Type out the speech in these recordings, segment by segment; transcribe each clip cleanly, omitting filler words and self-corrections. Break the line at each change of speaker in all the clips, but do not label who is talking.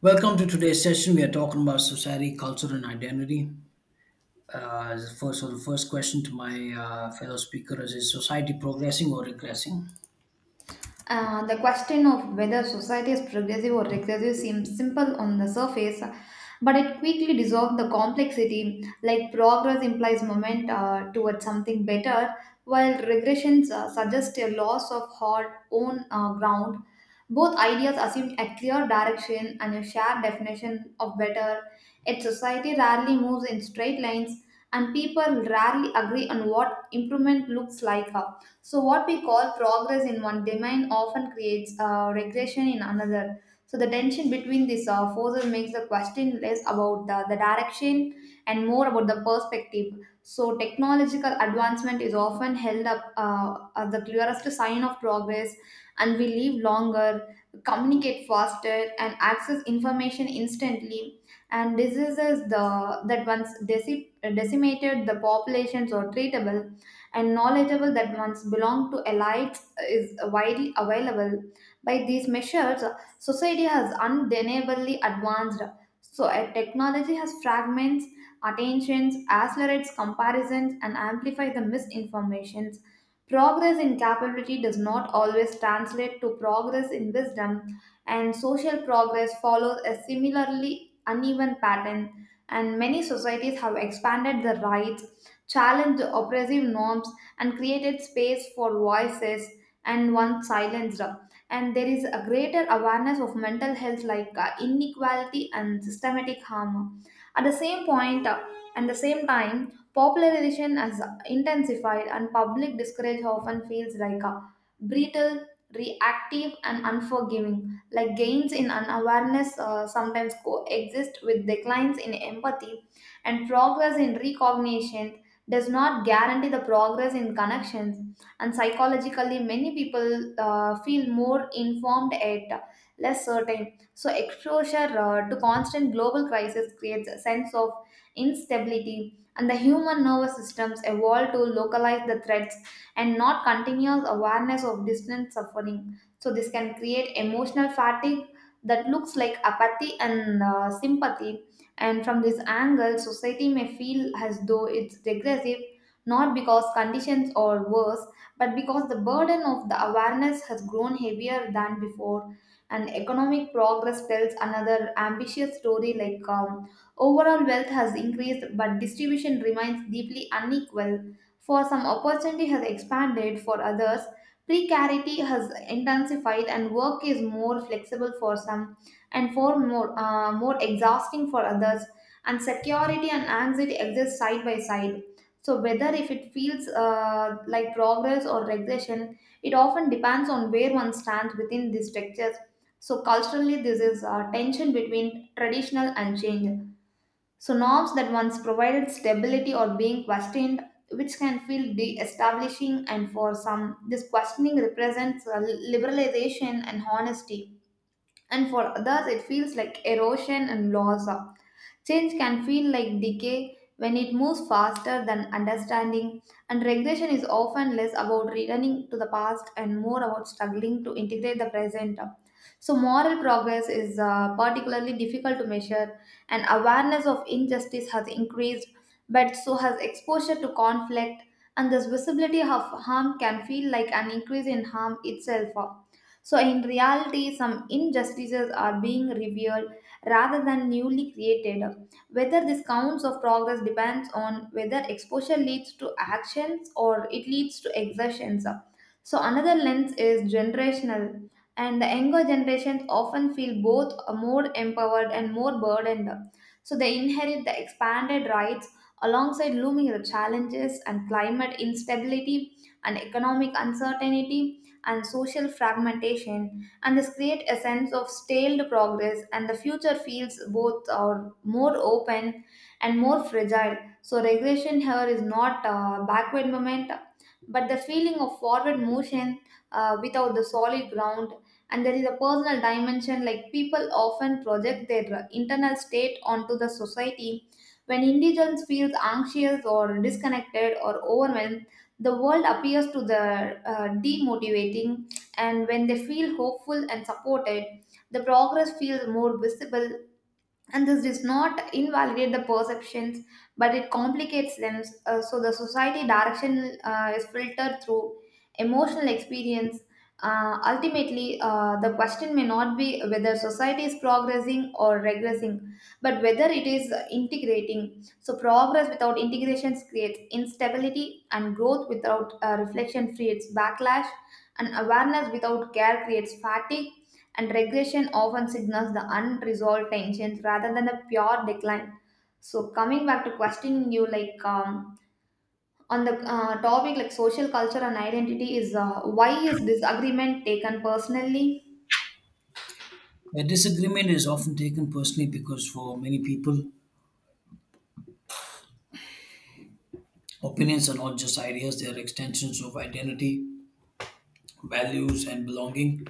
Welcome to today's session. We are talking about society, culture, and identity. So the first question to my fellow speaker is society progressing or regressing?
The question of whether society is progressive or regressive seems simple on the surface, but it quickly dissolves the complexity. Like, progress implies movement towards something better, while regressions suggest a loss of our own ground. Both ideas assume a clear direction and a shared definition of better. Yet society rarely moves in straight lines, and people rarely agree on what improvement looks like. So, what we call progress in one domain often creates regression in another. So, the tension between these forces makes the question less about the direction and more about the perspective. So, technological advancement is often held up as the clearest sign of progress, and we live longer, communicate faster, and access information instantly. And diseases that once decimated the populations are treatable, and knowledgeable that once belonged to elites is widely available. By these measures, society has undeniably advanced. So, a technology has fragments, attentions, accelerates comparisons, and amplifies the misinformations. Progress in capability does not always translate to progress in wisdom, and social progress follows a similarly uneven pattern. And many societies have expanded the rights, challenged oppressive norms, and created space for voices and once silenced. And there is a greater awareness of mental health, like inequality and systematic harm. At the same point, and the same time, popularization has intensified, and public discourage often feels like a brittle, reactive, and unforgiving. Like, gains in unawareness sometimes coexist with declines in empathy, and progress in recognition does not guarantee the progress in connections. And psychologically, many people feel more informed yet less certain. So exposure to constant global crisis creates a sense of instability, and the human nervous systems evolve to localize the threats and not continuous awareness of distant suffering. So this can create emotional fatigue that looks like apathy and sympathy. And from this angle, society may feel as though it's regressive, not because conditions are worse, but because the burden of the awareness has grown heavier than before. And economic progress tells another ambitious story. Like overall wealth has increased, but distribution remains deeply unequal. For some, opportunity has expanded. For others, precarity has intensified, and work is more flexible for some and four more, more exhausting for others. And security and anxiety exist side by side. So whether if it feels like progress or regression, it often depends on where one stands within these structures. So culturally, this is a tension between traditional and change. So norms that once provided stability are being questioned, which can feel de-establishing, and for some, this questioning represents liberalization and honesty, and for others it feels like erosion and loss. Change can feel like decay when it moves faster than understanding, and regression is often less about returning to the past and more about struggling to integrate the present. So, moral progress is particularly difficult to measure, and awareness of injustice has increased, but so has exposure to conflict, and this visibility of harm can feel like an increase in harm itself. So, in reality, some injustices are being revealed rather than newly created. Whether this counts of progress depends on whether exposure leads to actions or it leads to exertions. So, another lens is generational, and the younger generations often feel both more empowered and more burdened. So, they inherit the expanded rights alongside looming challenges, and climate instability, and economic uncertainty, and social fragmentation, and this create a sense of stalled progress. And the future feels both are more open and more fragile. So regression here is not a backward moment, but the feeling of forward motion without the solid ground. And there is a personal dimension, like people often project their internal state onto the society. When individuals feel anxious or disconnected or overwhelmed, the world appears to the demotivating, and when they feel hopeful and supported, the progress feels more visible, and this does not invalidate the perceptions, but it complicates them. So the society direction is filtered through emotional experience. Ultimately, the question may not be whether society is progressing or regressing, but whether it is integrating. So progress without integration creates instability, and growth without reflection creates backlash, and awareness without care creates fatigue, and regression often signals the unresolved tensions rather than the pure decline. So, coming back to questioning you, like on the topic like social culture and identity is, why is disagreement taken personally?
A disagreement is often taken personally because for many people, opinions are not just ideas; they are extensions of identity, values, and belonging.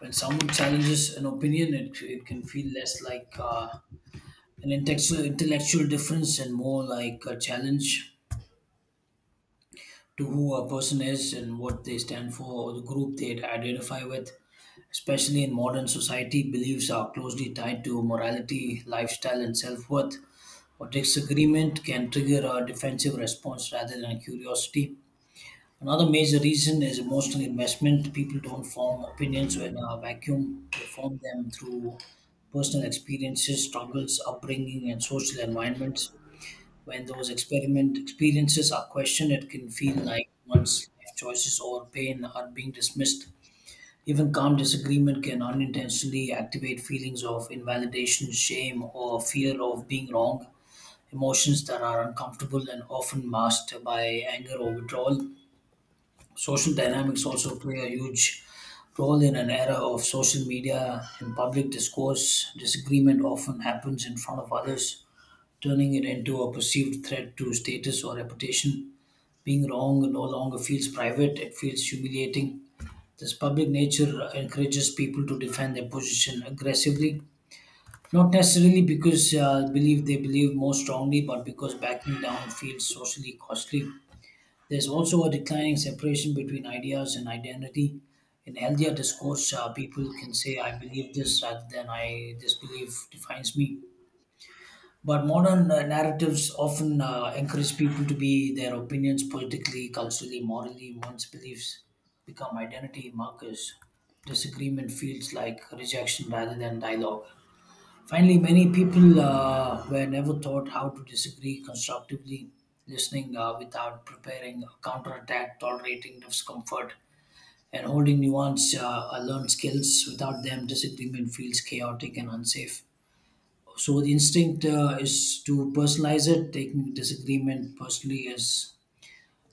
When someone challenges an opinion, it can feel less like an intellectual difference and more like a challenge to who a person is and what they stand for or the group they identify with, especially in modern society, beliefs are closely tied to morality, lifestyle, and self worth. But disagreement can trigger a defensive response rather than curiosity. Another major reason is emotional investment. People don't form opinions in a vacuum, they form them through personal experiences, struggles, upbringing, and social environments. When those experiment experiences are questioned, it can feel like one's life choices or pain are being dismissed. Even calm disagreement can unintentionally activate feelings of invalidation, shame, or fear of being wrong, emotions that are uncomfortable and often masked by anger or withdrawal. Social dynamics also play a huge role in an era of social media and public discourse. Disagreement often happens in front of others turning it into a perceived threat to status or reputation. Being wrong no longer feels private, it feels humiliating. This public nature encourages people to defend their position aggressively, not necessarily because believe they believe more strongly, but because backing down feels socially costly. There's also a declining separation between ideas and identity. In healthier discourse, people can say, "I believe this," rather than "I this belief defines me." But modern narratives often encourage people to be their opinions politically, culturally, morally. One's beliefs become identity markers. Disagreement feels like rejection rather than dialogue. Finally, many people were never taught how to disagree constructively, listening without preparing a counterattack, tolerating discomfort, and holding nuance are learned skills. Without them, disagreement feels chaotic and unsafe. So the instinct is to personalize it, taking disagreement personally is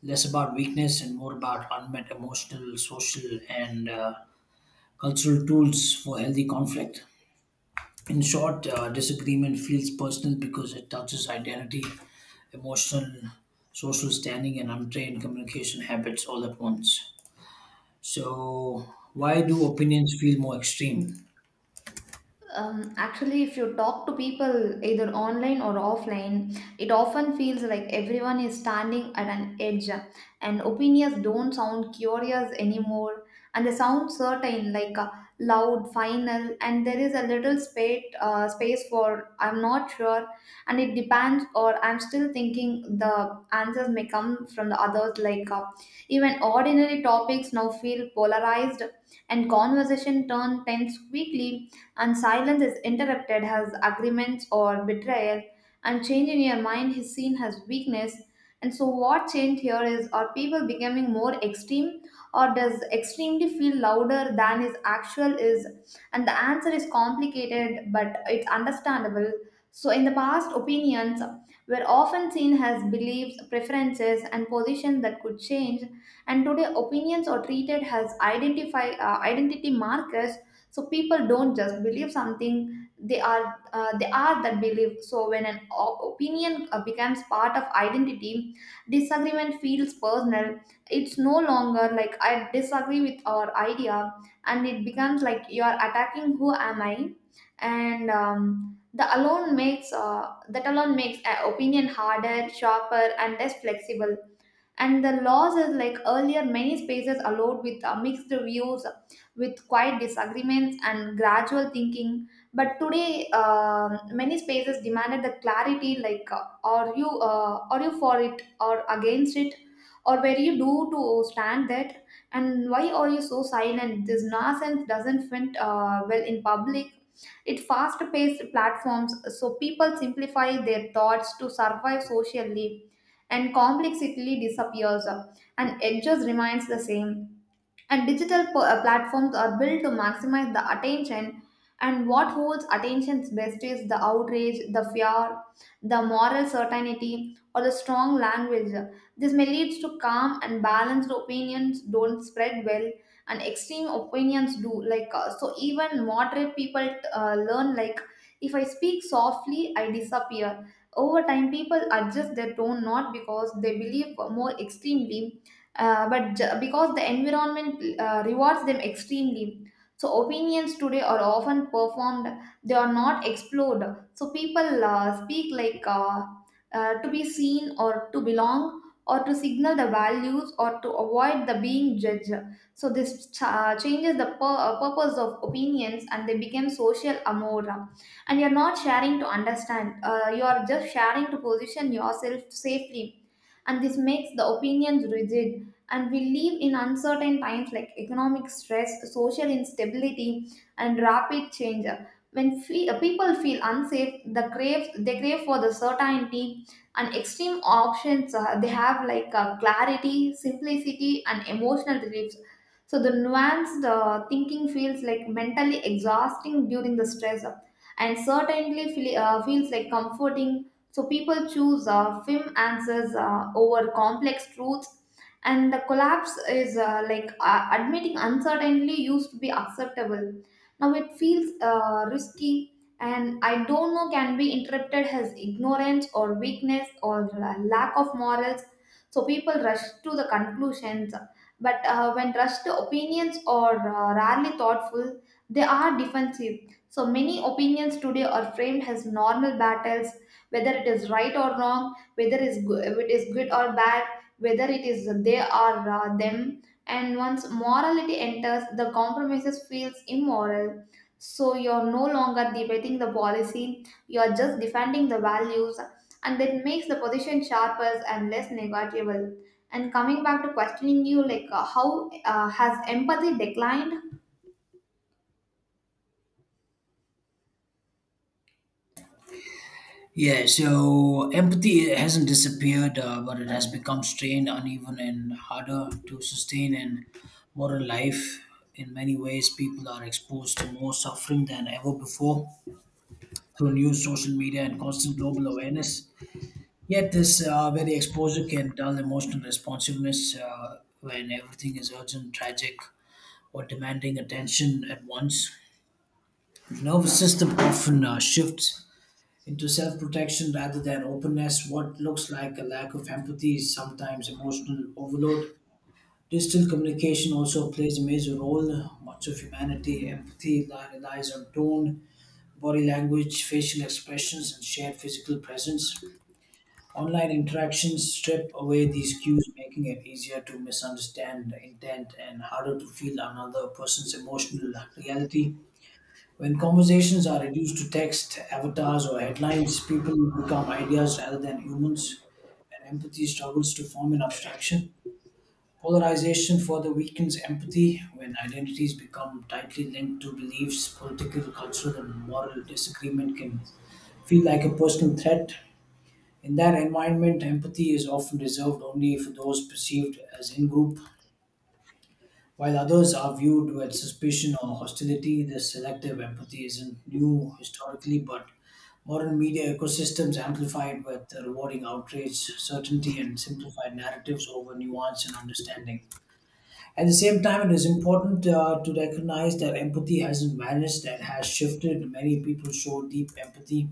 less about weakness and more about unmet emotional, social, and cultural tools for healthy conflict. In short, disagreement feels personal because it touches identity, emotional, social standing, and untrained communication habits all at once. So, why do opinions feel more extreme?
Actually, if you talk to people either online or offline, it often feels like everyone is standing at an edge, and opinions don't sound curious anymore, and they sound certain, like loud, final, and there is a little space, space for I'm not sure, and it depends, or I'm still thinking. The answers may come from the others, like, even ordinary topics now feel polarized, and conversation turn tense quickly, and silence is interrupted as agreements or betrayal, and change in your mind is seen as weakness. And so, what change here is, are people becoming more extreme, or does extremely feel louder than is actual is? And the answer is complicated, but it's understandable. So, in the past, opinions were often seen as beliefs, preferences, and positions that could change. And today, opinions are treated as identify identity markers. So people don't just believe something, they are that belief. So when an opinion becomes part of identity, disagreement feels personal. It's no longer like, I disagree with our idea, and it becomes like, you are attacking who am I. And the alone makes that alone makes opinion harder, sharper, and less flexible. And the laws is, like, earlier many spaces allowed with mixed views, with quiet disagreements and gradual thinking. But today, many spaces demanded the clarity, like, are you for it or against it, or where you do to stand that, and why are you so silent? This nonsense doesn't fit well in public. It fast-paced platforms, so people simplify their thoughts to survive socially, and complexity disappears, and edges remains the same. And digital platforms are built to maximize the attention. And what holds attention's best is the outrage, the fear, the moral certainty, or the strong language. This may lead to calm and balanced opinions don't spread well, and extreme opinions do. Like, so, even moderate people learn, like, if I speak softly, I disappear. Over time, people adjust their tone not because they believe more extremely, but because the environment rewards them extremely. So opinions today are often performed, they are not explored. So people speak like to be seen, or to belong, or to signal the values, or to avoid the being judged. So this changes the purpose of opinions, and they become social amora. And you're not sharing to understand, you are just sharing to position yourself safely. And this makes the opinions rigid. And we live in uncertain times, like economic stress, social instability, and rapid change. When people feel unsafe, they crave for the certainty. And extreme options, they have, like, clarity, simplicity, and emotional reliefs. So the nuanced thinking feels like mentally exhausting during the stress, and certainly feels like comforting. So people choose firm answers over complex truths. And the collapse is, like, admitting uncertainty used to be acceptable. Now it feels risky, and I don't know can be interpreted as ignorance or weakness or lack of morals. So people rush to the conclusions, but when rushed to opinions or rarely thoughtful, they are defensive. So many opinions today are framed as normal battles, whether it is right or wrong, whether it is good or bad, whether it is they or them. And once morality enters, the compromises feels immoral. So you're no longer debating the policy, you're just defending the values, and that makes the position sharper and less negotiable. And coming back to questioning you, like, how has empathy declined?
Yeah, so empathy hasn't disappeared, but it has become strained, uneven, and harder to sustain in modern life. In many ways, people are exposed to more suffering than ever before through news, social media, and constant global awareness. Yet, this very exposure can dull emotional responsiveness when everything is urgent, tragic, or demanding attention at once. The nervous system often shifts into self protection rather than openness. What looks like a lack of empathy is sometimes emotional overload. Digital communication also plays a major role. Much of humanity empathy relies on tone, body language, facial expressions, and shared physical presence. Online interactions strip away these cues, making it easier to misunderstand intent and harder to feel another person's emotional reality. When conversations are reduced to text, avatars, or headlines, people become ideas rather than humans, and empathy struggles to form an abstraction. Polarization further weakens empathy when identities become tightly linked to beliefs, political, cultural, and moral disagreement can feel like a personal threat. In that environment, empathy is often reserved only for those perceived as in group while others are viewed with suspicion or hostility, this selective empathy isn't new historically, but modern media ecosystems amplified with the rewarding outrage, certainty, and simplified narratives over nuance and understanding. At the same time, it is important to recognize that empathy hasn't vanished, that has shifted. Many people show deep empathy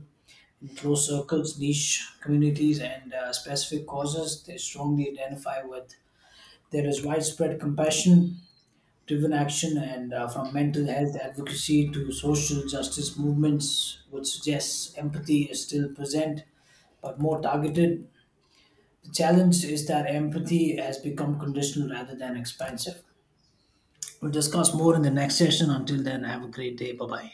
in close circles, niche communities, and specific causes they strongly identify with. There is widespread compassion driven action and from mental health advocacy to social justice movements, which suggests empathy is still present but more targeted. The challenge is that empathy has become conditional rather than expansive. We'll discuss more in the next session. Until then, have a great day. Bye bye.